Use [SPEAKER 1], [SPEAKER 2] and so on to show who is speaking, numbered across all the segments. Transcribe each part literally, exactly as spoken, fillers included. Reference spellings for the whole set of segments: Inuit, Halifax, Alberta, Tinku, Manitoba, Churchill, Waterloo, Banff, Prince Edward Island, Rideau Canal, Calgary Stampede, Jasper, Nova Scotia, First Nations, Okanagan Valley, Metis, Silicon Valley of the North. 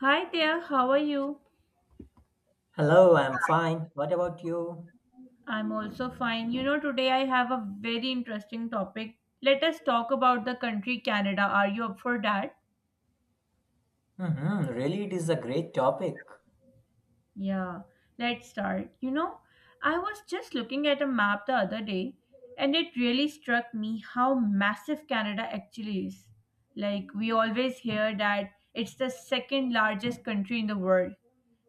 [SPEAKER 1] Hi there, how are you?
[SPEAKER 2] Hello, I'm fine. What about you?
[SPEAKER 1] I'm also fine. You know, today I have a very interesting topic. Let us talk about the country Canada. Are you up for that?
[SPEAKER 2] Hmm really, it is a great topic.
[SPEAKER 1] Yeah, let's start. You know, I was just looking at a map the other day and it really struck me how massive Canada actually is. Like, we always hear that it's the second largest country in the world,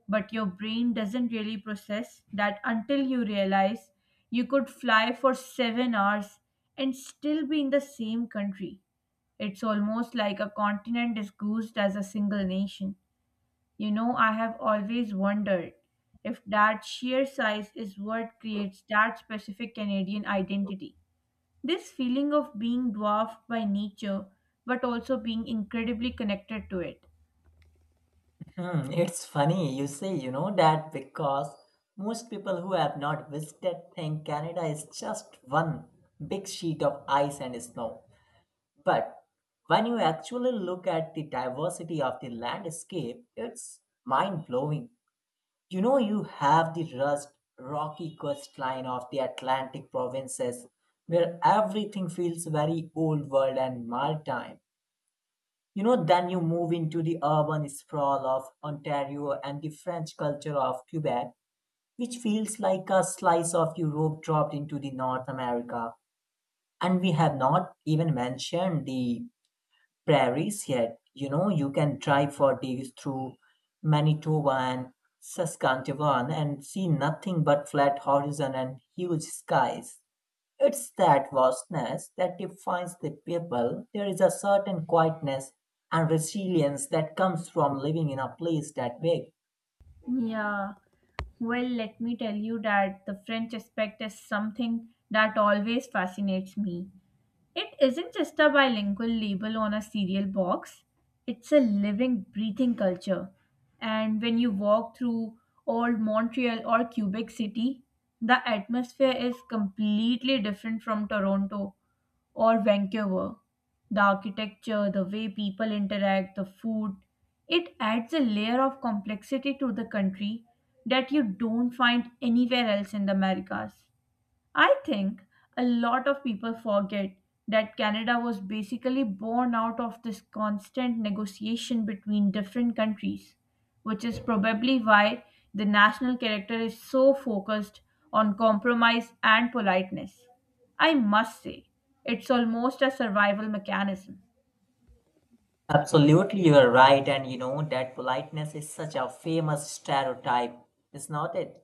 [SPEAKER 1] but your brain doesn't really process that until you realize you could fly for seven hours and still be in the same country. It's almost like a continent is goosed as a single nation. You know, I have always wondered if that sheer size is what creates that specific Canadian identity. This feeling of being dwarfed by nature but also being incredibly connected to it.
[SPEAKER 2] Hmm, it's funny you say, you know, that because most people who have not visited think Canada is just one big sheet of ice and snow. But when you actually look at the diversity of the landscape, it's mind blowing. You know, you have the rust, rocky coastline of the Atlantic provinces, where everything feels very old world and maritime. You know, then you move into the urban sprawl of Ontario and the French culture of Quebec, which feels like a slice of Europe dropped into the North America. And we have not even mentioned the prairies yet. You know, you can drive for days through Manitoba and Saskatchewan and see nothing but flat horizon and huge skies. It's that vastness that defines the people. There is a certain quietness and resilience that comes from living in a place that big.
[SPEAKER 1] Yeah. Well, let me tell you that the French aspect is something that always fascinates me. It isn't just a bilingual label on a cereal box, it's a living, breathing culture. And when you walk through old Montreal or Quebec City, the atmosphere is completely different from Toronto or Vancouver. The architecture, the way people interact, the food, it adds a layer of complexity to the country that you don't find anywhere else in the Americas. I think a lot of people forget that Canada was basically born out of this constant negotiation between different countries, which is probably why the national character is so focused on compromise and politeness. I must say, it's almost a survival mechanism.
[SPEAKER 2] Absolutely, you are right. And you know, that politeness is such a famous stereotype, is not it?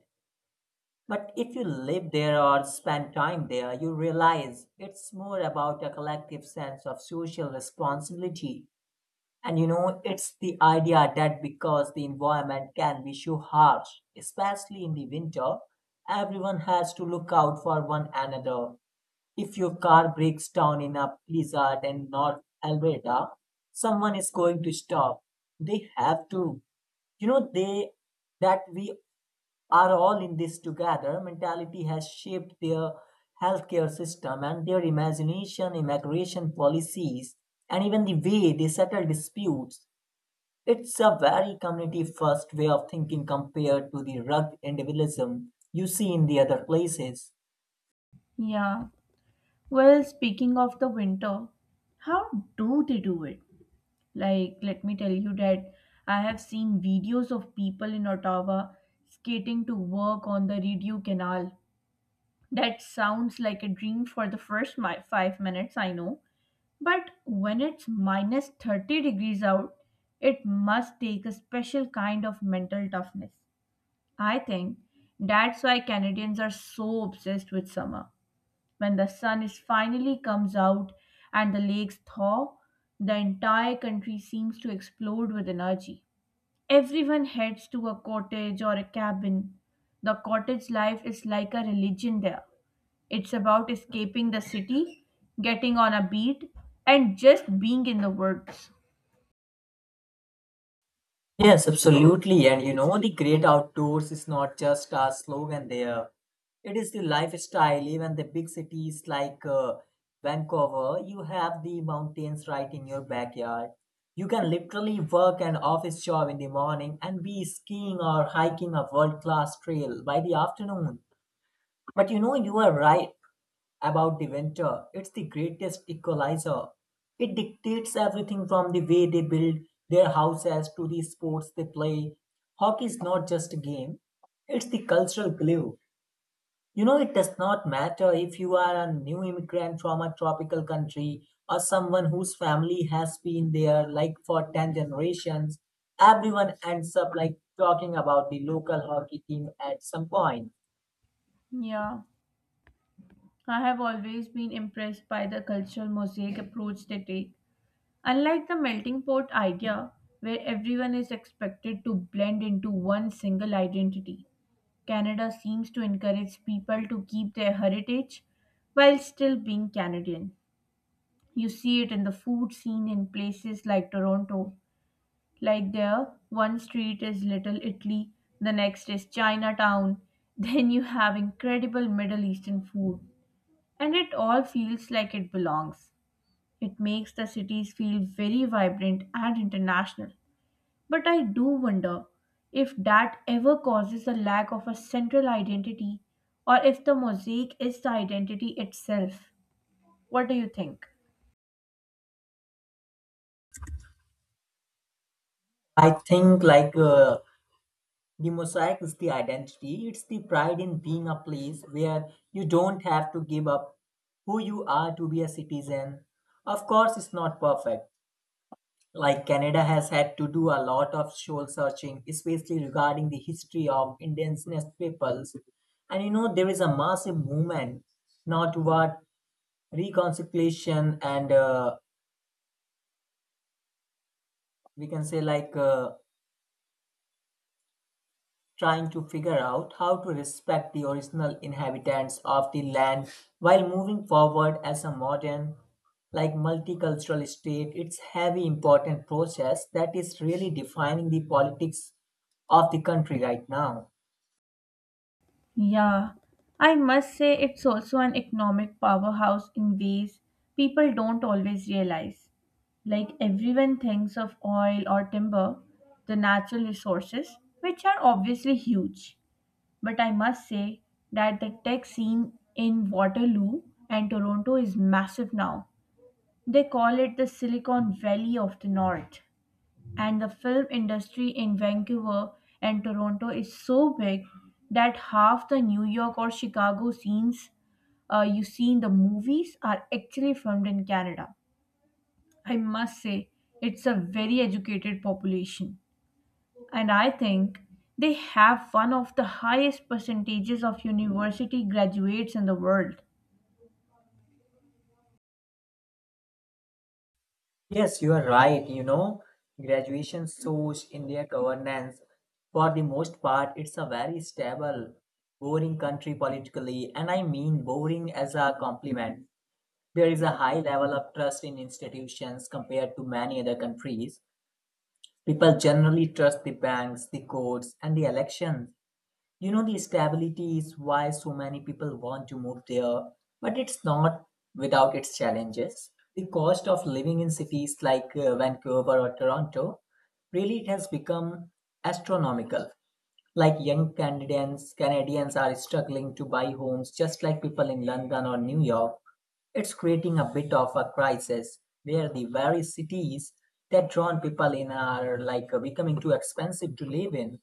[SPEAKER 2] But if you live there or spend time there, you realize it's more about a collective sense of social responsibility. And you know, it's the idea that because the environment can be so harsh, especially in the winter, everyone has to look out for one another. If your car breaks down in a blizzard in North Alberta, someone is going to stop. They have to, you know, they that we are all in this together. Mentality has shaped their healthcare system and their imagination, immigration policies, and even the way they settle disputes. It's a very community first way of thinking compared to the rugged individualism you see in the other places.
[SPEAKER 1] Yeah. Well, speaking of the winter, how do they do it? Like, let me tell you that I have seen videos of people in Ottawa skating to work on the Rideau Canal. That sounds like a dream for the first mi- five minutes, I know. But when it's minus thirty degrees out, it must take a special kind of mental toughness. I think that's why Canadians are so obsessed with summer. When the sun is finally comes out and the lakes thaw, the entire country seems to explode with energy. Everyone heads to a cottage or a cabin. The cottage life is like a religion there. It's about escaping the city, getting on a beat, and just being in the woods.
[SPEAKER 2] Yes, absolutely. And you know, the great outdoors is not just a slogan there. It is the lifestyle. Even the big cities like uh, Vancouver, you have the mountains right in your backyard. You can literally work an office job in the morning and be skiing or hiking a world class trail by the afternoon. But you know, you are right about the winter. It's the greatest equalizer. It dictates everything from the way they build their houses to the sports they play. Hockey is not just a game, it's the cultural glue. You know, it does not matter if you are a new immigrant from a tropical country or someone whose family has been there like for ten generations, everyone ends up like talking about the local hockey team at some point.
[SPEAKER 1] Yeah, I have always been impressed by the cultural mosaic approach they take. Unlike the melting pot idea, where everyone is expected to blend into one single identity, Canada seems to encourage people to keep their heritage while still being Canadian. You see it in the food scene in places like Toronto. Like there, one street is Little Italy, the next is Chinatown, then you have incredible Middle Eastern food. And it all feels like it belongs. It makes the cities feel very vibrant and international. But I do wonder if that ever causes a lack of a central identity or if the mosaic is the identity itself. What do you think?
[SPEAKER 2] I think like uh, the mosaic is the identity, it's the pride in being a place where you don't have to give up who you are to be a citizen. Of course, it's not perfect. Like Canada has had to do a lot of soul searching, especially regarding the history of indigenous peoples. And you know, there is a massive movement now toward reconciliation and uh, we can say like uh, trying to figure out how to respect the original inhabitants of the land while moving forward as a modern, like multicultural state. It's heavy important process that is really defining the politics of the country right now.
[SPEAKER 1] Yeah, I must say it's also an economic powerhouse in ways people don't always realize. Like everyone thinks of oil or timber, the natural resources, which are obviously huge. But I must say that the tech scene in Waterloo and Toronto is massive now. They call it the Silicon Valley of the North. And the film industry in Vancouver and Toronto is so big that half the New York or Chicago scenes uh, you see in the movies are actually filmed in Canada. I must say, it's a very educated population. And I think they have one of the highest percentages of university graduates in the world.
[SPEAKER 2] Yes, you are right. You know, graduation shows in their governance. For the most part, it's a very stable, boring country politically, and I mean boring as a compliment. There is a high level of trust in institutions compared to many other countries. People generally trust the banks, the courts, and the elections. You know, the stability is why so many people want to move there, but it's not without its challenges. The cost of living in cities like uh, Vancouver or Toronto really it has become astronomical. Like young Canadians, Canadians are struggling to buy homes just like people in London or New York. It's creating a bit of a crisis where the very cities that drawn people in are like becoming too expensive to live in.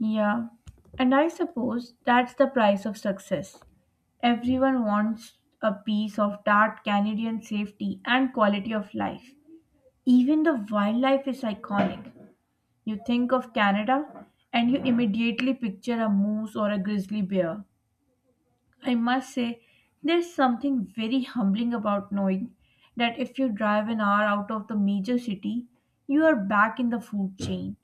[SPEAKER 1] Yeah, and I suppose that's the price of success. Everyone wants a piece of that Canadian safety and quality of life. Even the wildlife is iconic. You think of Canada and you immediately picture a moose or a grizzly bear. I must say, there's something very humbling about knowing that if you drive an hour out of the major city, you are back in the food chain.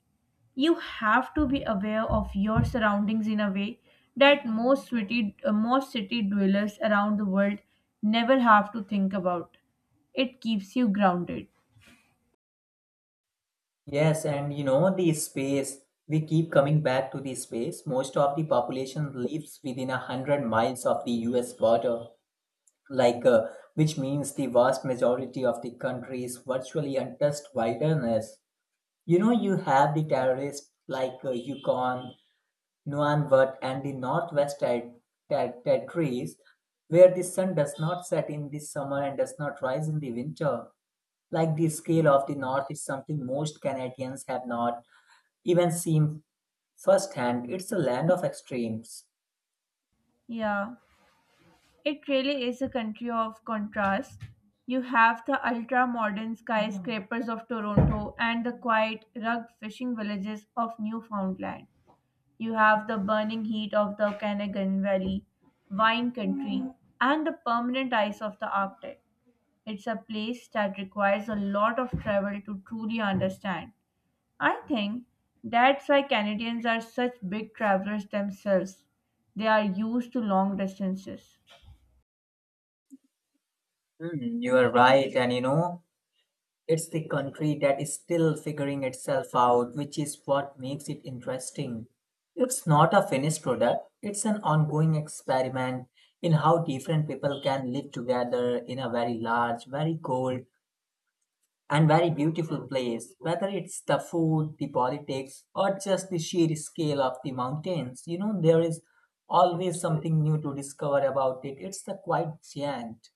[SPEAKER 1] You have to be aware of your surroundings in a way that most city uh, most city dwellers around the world never have to think about. It keeps you grounded.
[SPEAKER 2] Yes, and you know, the space, we keep coming back to the space. Most of the population lives within a hundred miles of the U S border, like uh, which means the vast majority of the country is virtually untouched wilderness. You know, you have the terrorists like uh, Yukon, Nunavut, and the Northwest ter- ter- territories, where the sun does not set in the summer and does not rise in the winter. Like the scale of the North is something most Canadians have not even seen firsthand. It's a land of extremes.
[SPEAKER 1] Yeah, it really is a country of contrast. You have the ultra modern skyscrapers of Toronto and the quiet rugged fishing villages of Newfoundland. You have the burning heat of the Okanagan Valley wine country and the permanent ice of the Arctic. It's a place that requires a lot of travel to truly understand. I think that's why Canadians are such big travelers themselves. They are used to long distances.
[SPEAKER 2] Hmm, you are right, and you know, it's the country that is still figuring itself out, which is what makes it interesting. It's not a finished product, it's an ongoing experiment in how different people can live together in a very large, very cold, and very beautiful place, whether it's the food, the politics, or just the sheer scale of the mountains. You know, there is always something new to discover about it. It's a quite giant.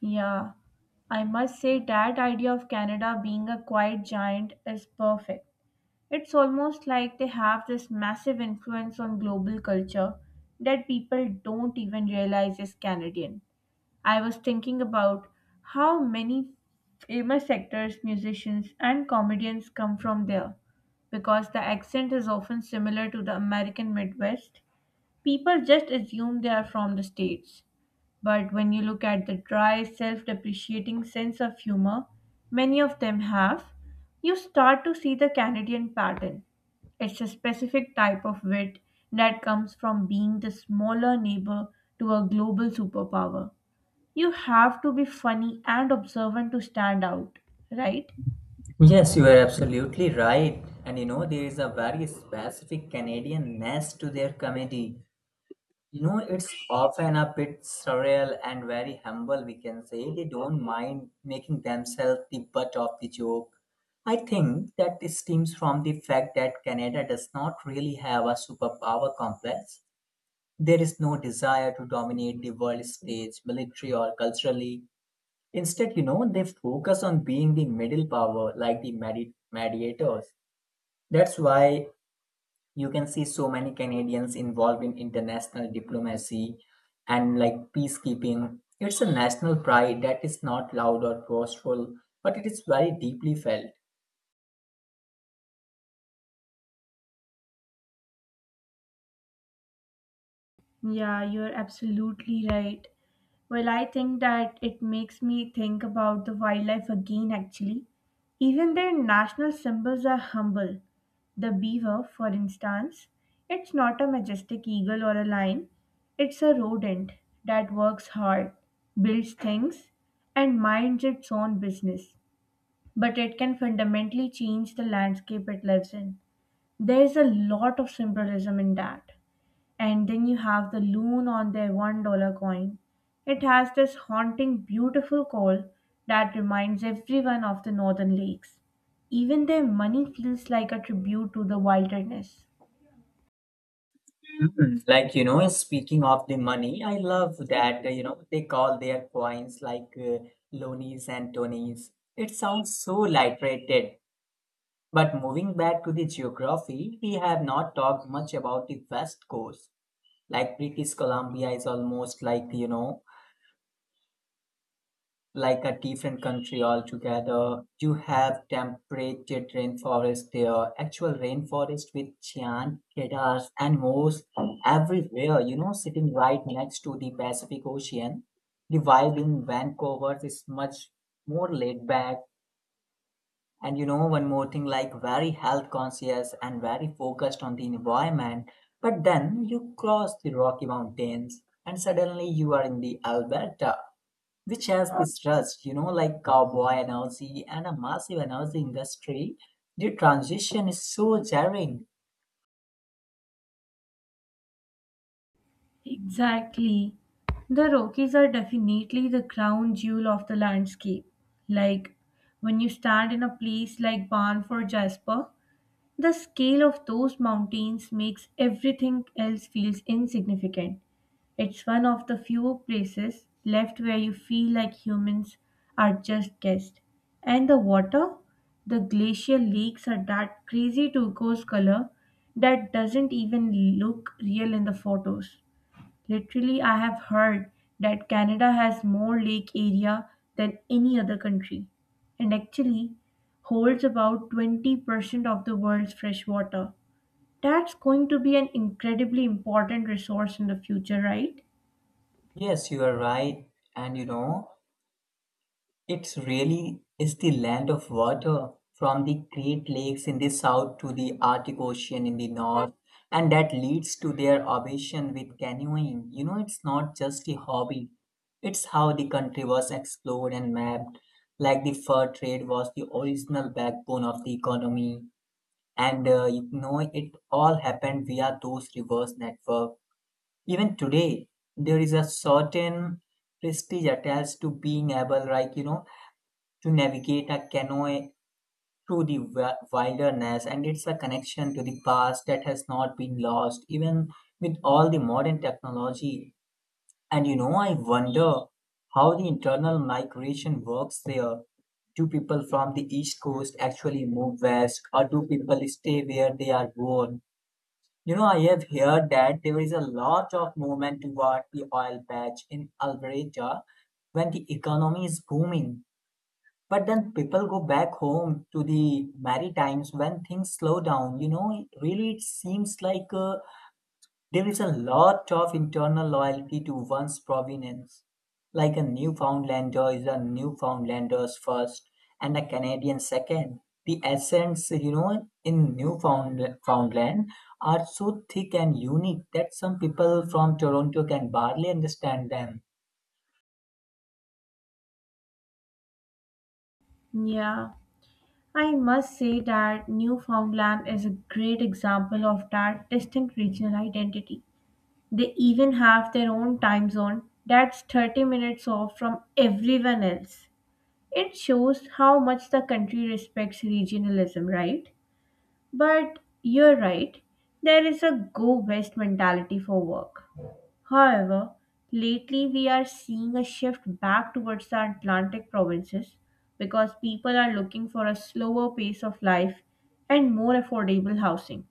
[SPEAKER 1] Yeah, I must say that idea of Canada being a quiet giant is perfect. It's almost like they have this massive influence on global culture that people don't even realize is Canadian. I was thinking about how many famous actors, musicians, and comedians come from there. Because the accent is often similar to the American Midwest, people just assume they are from the States. But when you look at the dry, self depreciating sense of humor many of them have, you start to see the Canadian pattern. It's a specific type of wit that comes from being the smaller neighbor to a global superpower. You have to be funny and observant to stand out, right?
[SPEAKER 2] Yes, you are absolutely right. And you know, there is a very specific Canadian ness to their comedy. You know, it's often a bit surreal and very humble, we can say. They don't mind making themselves the butt of the joke. I think that this stems from the fact that Canada does not really have a superpower complex. There is no desire to dominate the world stage, military or culturally. Instead, you know, they focus on being the middle power, like the medi- mediators. That's why you can see so many Canadians involved in international diplomacy and like peacekeeping. It's a national pride that is not loud or boastful, but it is very deeply felt.
[SPEAKER 1] Yeah, you're absolutely right. Well, I think that it makes me think about the wildlife again, actually. Even their national symbols are humble. The beaver, for instance, it's not a majestic eagle or a lion, it's a rodent that works hard, builds things, and minds its own business. But it can fundamentally change the landscape it lives in. There's a lot of symbolism in that. And then you have the loon on their one dollar coin. It has this haunting, beautiful call that reminds everyone of the northern lakes. Even their money feels like a tribute to the wilderness.
[SPEAKER 2] Mhm. Like, you know, speaking of the money, I love that, uh, you know, they call their coins like uh, lonies and tonies. It sounds so light-rated. But moving back to the geography, we have not talked much about the West Coast. Like British Columbia is almost like, you know, like a different country altogether. You have temperate rainforest there, actual rainforest with giant cedars and moss everywhere, you know, sitting right next to the Pacific Ocean. The vibe in Vancouver is much more laid back. And you know, one more thing like very health conscious and very focused on the environment. But then you cross the Rocky Mountains and suddenly you are in the Alberta, which has this rust, you know, like cowboy energy and a massive energy industry. The transition is so jarring.
[SPEAKER 1] Exactly. The Rockies are definitely the crown jewel of the landscape. Like when you stand in a place like Banff or Jasper, the scale of those mountains makes everything else feels insignificant. It's one of the few places left where you feel like humans are just guests. And the water, the glacial lakes are that crazy turquoise color that doesn't even look real in the photos. Literally, I have heard that Canada has more lake area than any other country and actually holds about twenty percent of the world's fresh water. That's going to be an incredibly important resource in the future, right?
[SPEAKER 2] Yes, you are right. And you know, it really is the land of water, from the Great Lakes in the south to the Arctic Ocean in the north, and that leads to their obsession with canoeing. You know, it's not just a hobby, it's how the country was explored and mapped. Like the fur trade was the original backbone of the economy, and uh, you know, it all happened via those reverse network. Even today, there is a certain prestige attached to being able, like, you know, to navigate a canoe through the wi- wilderness, and it's a connection to the past that has not been lost even with all the modern technology. And you know, I wonder how the internal migration works there. Do people from the east coast actually move west, or do people stay where they are born? You know, I have heard that there is a lot of movement toward the oil patch in Alberta when the economy is booming, but then people go back home to the Maritimes when things slow down. You know, it- really, it seems like uh, there is a lot of internal loyalty to one's provenance. Like a Newfoundlander is a Newfoundlander's first and a Canadian second. The accents, you know, in Newfoundland are so thick and unique that some people from Toronto can barely understand them.
[SPEAKER 1] Yeah, I must say that Newfoundland is a great example of that distinct regional identity. They even have their own time zone that's thirty minutes off from everyone else. It shows how much the country respects regionalism, right? But you're right, there is a go west mentality for work. However, lately we are seeing a shift back towards the Atlantic provinces because people are looking for a slower pace of life and more affordable housing.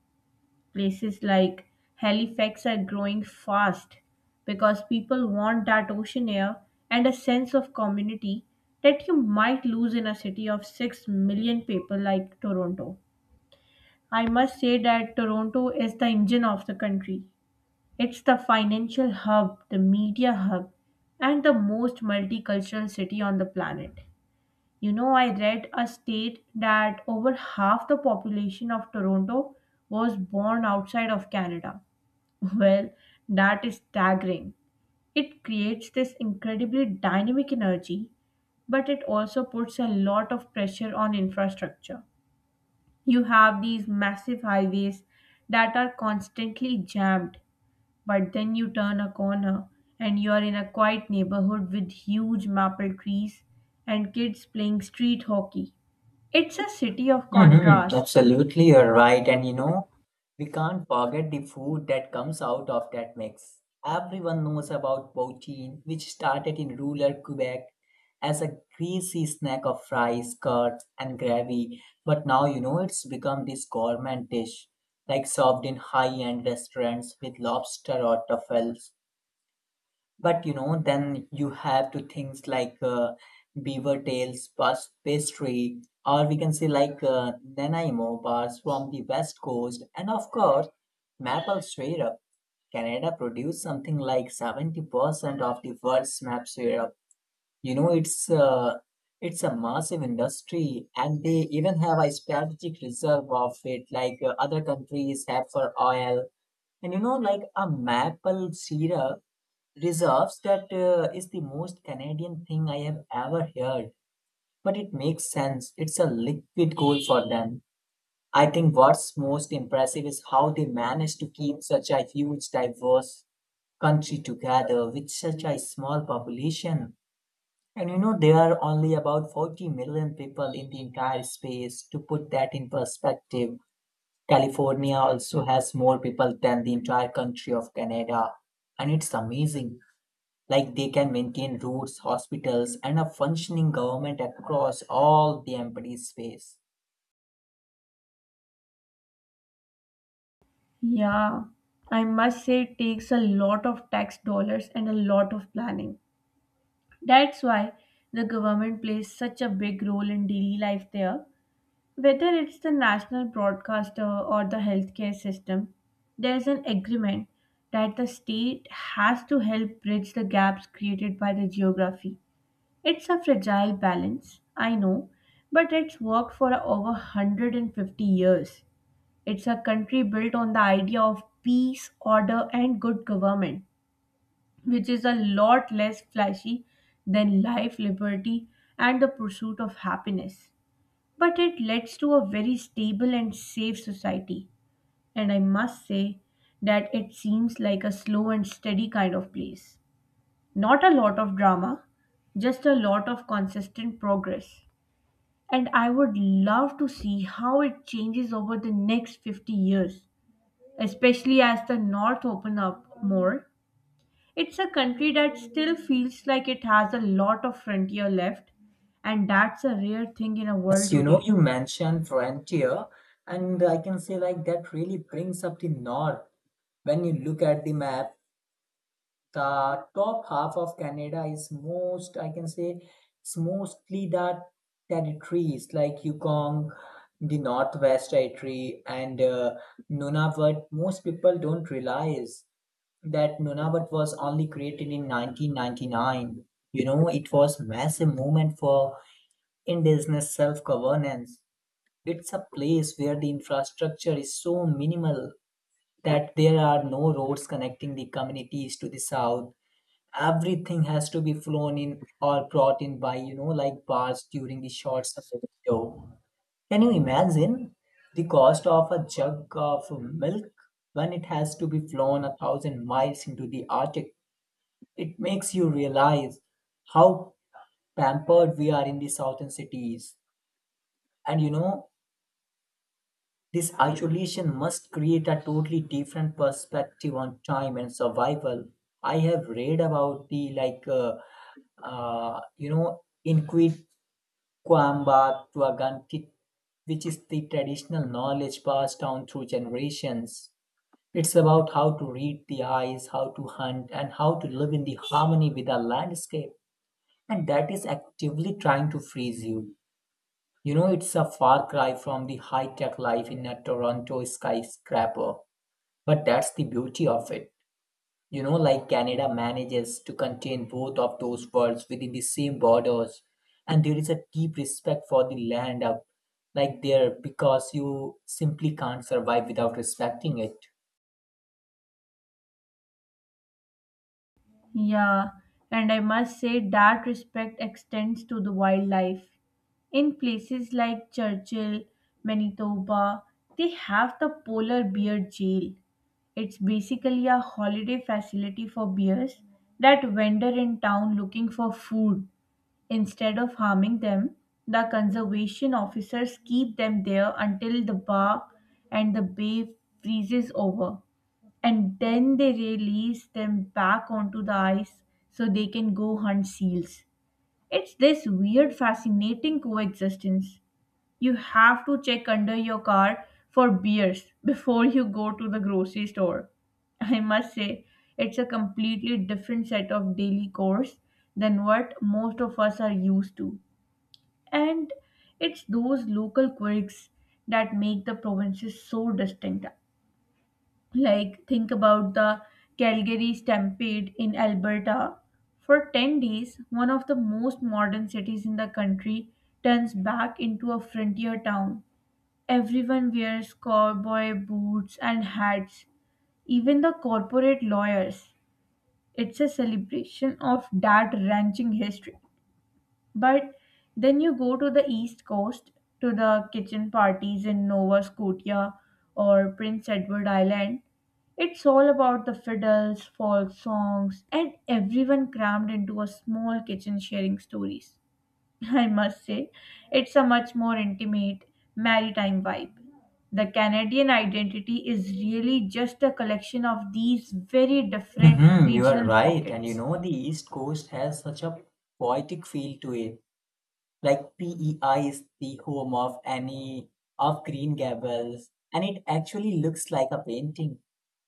[SPEAKER 1] Places like Halifax are growing fast because people want that ocean air and a sense of community that you might lose in a city of six million people like Toronto. I must say that Toronto is the engine of the country. It's the financial hub, the media hub, and the most multicultural city on the planet. You know, I read a state that over half the population of Toronto was born outside of Canada. Well, that is staggering. It creates this incredibly dynamic energy, but it also puts a lot of pressure on infrastructure. You have these massive highways that are constantly jammed, but then you turn a corner and you're in a quiet neighborhood with huge maple trees and kids playing street hockey. It's a city of
[SPEAKER 2] Mm-hmm.
[SPEAKER 1] contrast.
[SPEAKER 2] Absolutely, you're right. And you know, we can't forget the food that comes out of that mix. Everyone knows about poutine, which started in rural Quebec as a greasy snack of fries, curds, and gravy. But now, you know, it's become this gourmet dish, like served in high-end restaurants with lobster or truffles. But you know, then you have to things like uh, beaver tails, bus pastry, or we can say like uh, Nanaimo bars from the west coast, and of course, maple syrup. Canada produces something like seventy percent of the world's maple syrup. You know, it's uh, it's a massive industry, and they even have a strategic reserve of it, like uh, other countries have for oil. And you know, like a maple syrup reserves that uh, is the most Canadian thing I have ever heard. But it makes sense, it's a liquid goal for them. I think what's most impressive is how they managed to keep such a huge, diverse country together with such a small population. And you know, there are only about forty million people in the entire space. To put that in perspective, California also has more people than the entire country of Canada, and it's amazing like they can maintain roads, hospitals, and a functioning government across all the empty space.
[SPEAKER 1] Yeah, I must say it takes a lot of tax dollars and a lot of planning. That's why the government plays such a big role in daily life there. Whether it's the national broadcaster or the healthcare system, there's an agreement that the state has to help bridge the gaps created by the geography. It's a fragile balance, I know, but it's worked for over one hundred fifty years. It's a country built on the idea of peace, order, and good government, which is a lot less flashy than life, liberty, and the pursuit of happiness. But it leads to a very stable and safe society, and I must say that it seems like a slow and steady kind of place. Not a lot of drama, just a lot of consistent progress. And I would love to see how it changes over the next fifty years, especially as the North open up more. It's a country that still feels like it has a lot of frontier left, and that's a rare thing in a world
[SPEAKER 2] Yes, you know,
[SPEAKER 1] today.
[SPEAKER 2] you mentioned frontier, and I can say like that really brings up the north. When you look at the map, the top half of Canada is most, I can say, it's mostly the territories like Yukon, the Northwest Territory, and uh, Nunavut. Most people don't realize that Nunavut was only created in nineteen ninety-nine. You know, it was massive movement for indigenous self-governance. It's a place where the infrastructure is so minimal that there are no roads connecting the communities to the south. Everything has to be flown in or brought in by, you know, like bars during the short summer window. Can you imagine the cost of a jug of milk when it has to be flown a thousand miles into the Arctic? It makes you realize how pampered we are in the southern cities. And you know, this isolation must create a totally different perspective on time and survival. I have read about the like, uh, uh, you know, Inquisquamba Tuagantit, which is the traditional knowledge passed down through generations. It's about how to read the eyes, how to hunt, and how to live in the harmony with our landscape, and that is actively trying to freeze you. You know, it's a far cry from the high tech life in a Toronto skyscraper, but that's the beauty of it. You know, like Canada manages to contain both of those worlds within the same borders, and there is a deep respect for the land up like there, because you simply can't survive without respecting it.
[SPEAKER 1] Yeah, and I must say that respect extends to the wildlife. In places like Churchill, Manitoba, they have the polar bear jail. It's basically a holiday facility for bears that wander in town looking for food. Instead of harming them, the conservation officers keep them there until the bar and the bay freezes over. And then they release them back onto the ice so they can go hunt seals. It's this weird, fascinating coexistence. You have to check under your car for bears before you go to the grocery store. I must say, it's a completely different set of daily chores than what most of us are used to. And it's those local quirks that make the provinces so distinct. Like, think about the Calgary Stampede in Alberta. For ten days, one of the most modern cities in the country turns back into a frontier town. Everyone wears cowboy boots and hats, even the corporate lawyers. It's a celebration of that ranching history. But then you go to the East Coast to the kitchen parties in Nova Scotia or Prince Edward Island. It's all about the fiddles, folk songs, and everyone crammed into a small kitchen sharing stories. I must say, it's a much more intimate, maritime vibe. The Canadian identity is really just a collection of these very different
[SPEAKER 2] Hmm, you are
[SPEAKER 1] regional
[SPEAKER 2] right, and you
[SPEAKER 1] pockets.
[SPEAKER 2] know, the East Coast has such a poetic feel to it. Like P E I is the home of Annie of Green Gables, and it actually looks like a painting.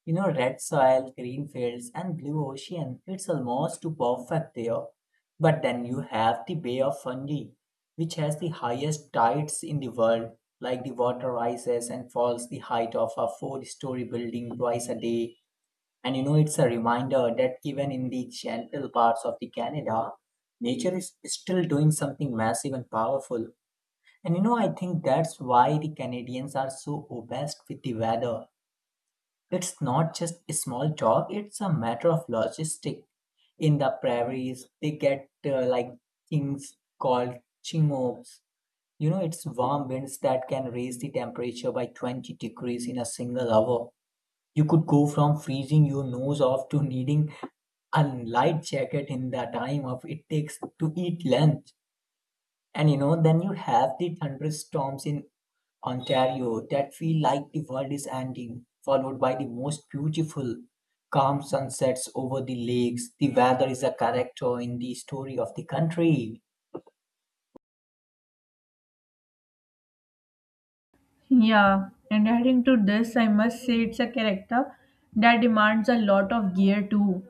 [SPEAKER 2] You know, red soil, green fields, and blue ocean. It's almost too perfect there. But then you have the Bay of Fundy, which has the highest tides in the world. Like the water rises and falls the height of a four story building twice a day. And you know, it's a reminder that even in the gentle parts of the Canada, nature is still doing something massive and powerful. And you know, I think that's why the Canadians are so obsessed with the weather. It's not just a small talk, it's a matter of logistic. In the prairies, they get uh, like things called chinooks. You know, it's warm winds that can raise the temperature by twenty degrees in a single hour. You could go from freezing your nose off to needing a light jacket in the time of it takes to eat lunch. And you know, then you have the thunderstorms in Ontario that feel like the world is ending, followed by the most beautiful, calm sunsets over the lakes. The weather is a character in the story of the country.
[SPEAKER 1] Yeah, and adding to this, I must say it's a character that demands a lot of gear too.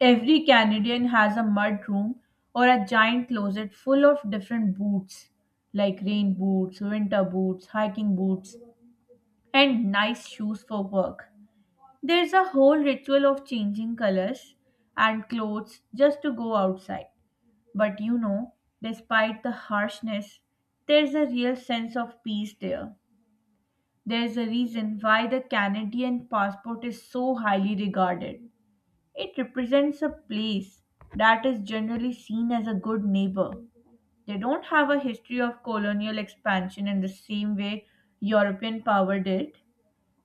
[SPEAKER 1] Every Canadian has a mud room or a giant closet full of different boots, like rain boots, winter boots, hiking boots, and nice shoes for work. There's a whole ritual of changing colors and clothes just to go outside. But you know, despite the harshness, there's a real sense of peace there. There's a reason why the Canadian passport is so highly regarded. It represents a place that is generally seen as a good neighbor. They don't have a history of colonial expansion in the same way European power did,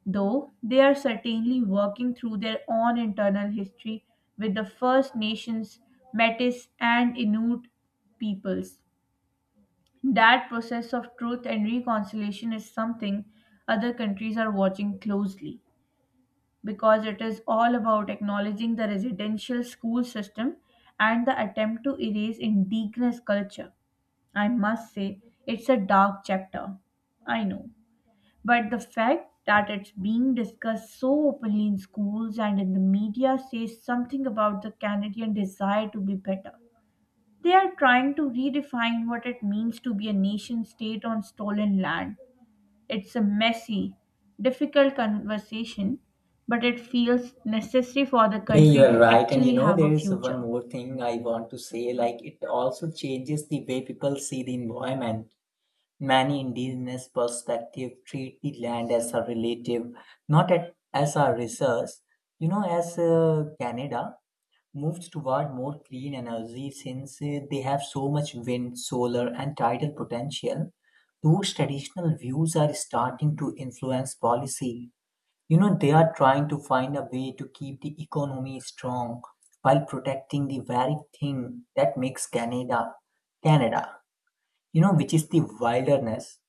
[SPEAKER 1] though they are certainly working through their own internal history with the First Nations, Metis, and Inuit peoples. That process of truth and reconciliation is something other countries are watching closely because it is all about acknowledging the residential school system and the attempt to erase indigenous culture. I must say, it's a dark chapter. I know. But the fact that it's being discussed so openly in schools and in the media says something about the Canadian desire to be better. They are trying to redefine what it means to be a nation state on stolen land. It's a messy, difficult conversation, but it feels necessary for the
[SPEAKER 2] Hey, you
[SPEAKER 1] country
[SPEAKER 2] are
[SPEAKER 1] to
[SPEAKER 2] right. And you
[SPEAKER 1] actually
[SPEAKER 2] know,
[SPEAKER 1] have
[SPEAKER 2] there
[SPEAKER 1] a
[SPEAKER 2] is one
[SPEAKER 1] future.
[SPEAKER 2] more thing I want to say. Like, it also changes the way people see the environment. Many indigenous perspectives treat the land as a relative, not at, as a resource. You know, as uh, Canada moves toward more clean energy, since uh, they have so much wind, solar, and tidal potential, those traditional views are starting to influence policy. You know, they are trying to find a way to keep the economy strong while protecting the very thing that makes Canada Canada, you know, which is the wilderness.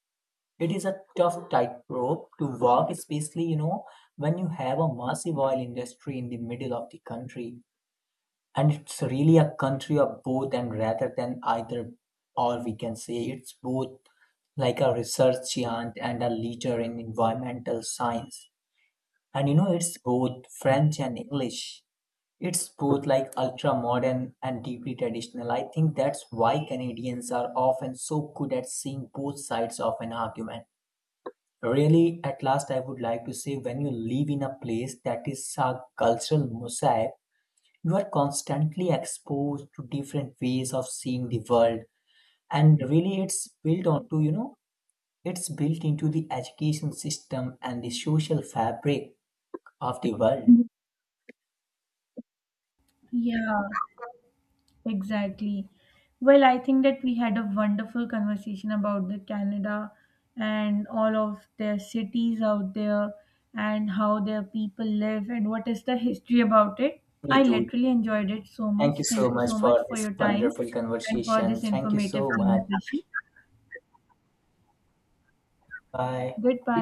[SPEAKER 2] It is a tough tightrope to walk, especially, you know, when you have a massive oil industry in the middle of the country. And it's really a country of both and rather than either, or we can say it's both like a research giant and a leader in environmental science. And you know, it's both French and English. It's both like ultra modern and deeply traditional. I think that's why Canadians are often so good at seeing both sides of an argument. Really, at last, I would like to say when you live in a place that is a cultural mosaic, you are constantly exposed to different ways of seeing the world. And really, it's built onto, you know, it's built into the education system and the social fabric of the world.
[SPEAKER 1] Yeah, exactly. Well, I think that we had a wonderful conversation about the Canada and all of their cities out there and how their people live and what is the history about it. I
[SPEAKER 2] Me too.
[SPEAKER 1] literally enjoyed it so
[SPEAKER 2] Thank
[SPEAKER 1] much.
[SPEAKER 2] you so
[SPEAKER 1] Thank you
[SPEAKER 2] much
[SPEAKER 1] so much
[SPEAKER 2] for
[SPEAKER 1] for
[SPEAKER 2] this
[SPEAKER 1] your time
[SPEAKER 2] wonderful
[SPEAKER 1] and for this
[SPEAKER 2] conversation. Thank you
[SPEAKER 1] informative
[SPEAKER 2] so much.
[SPEAKER 1] conversation.
[SPEAKER 2] Bye.
[SPEAKER 1] Goodbye.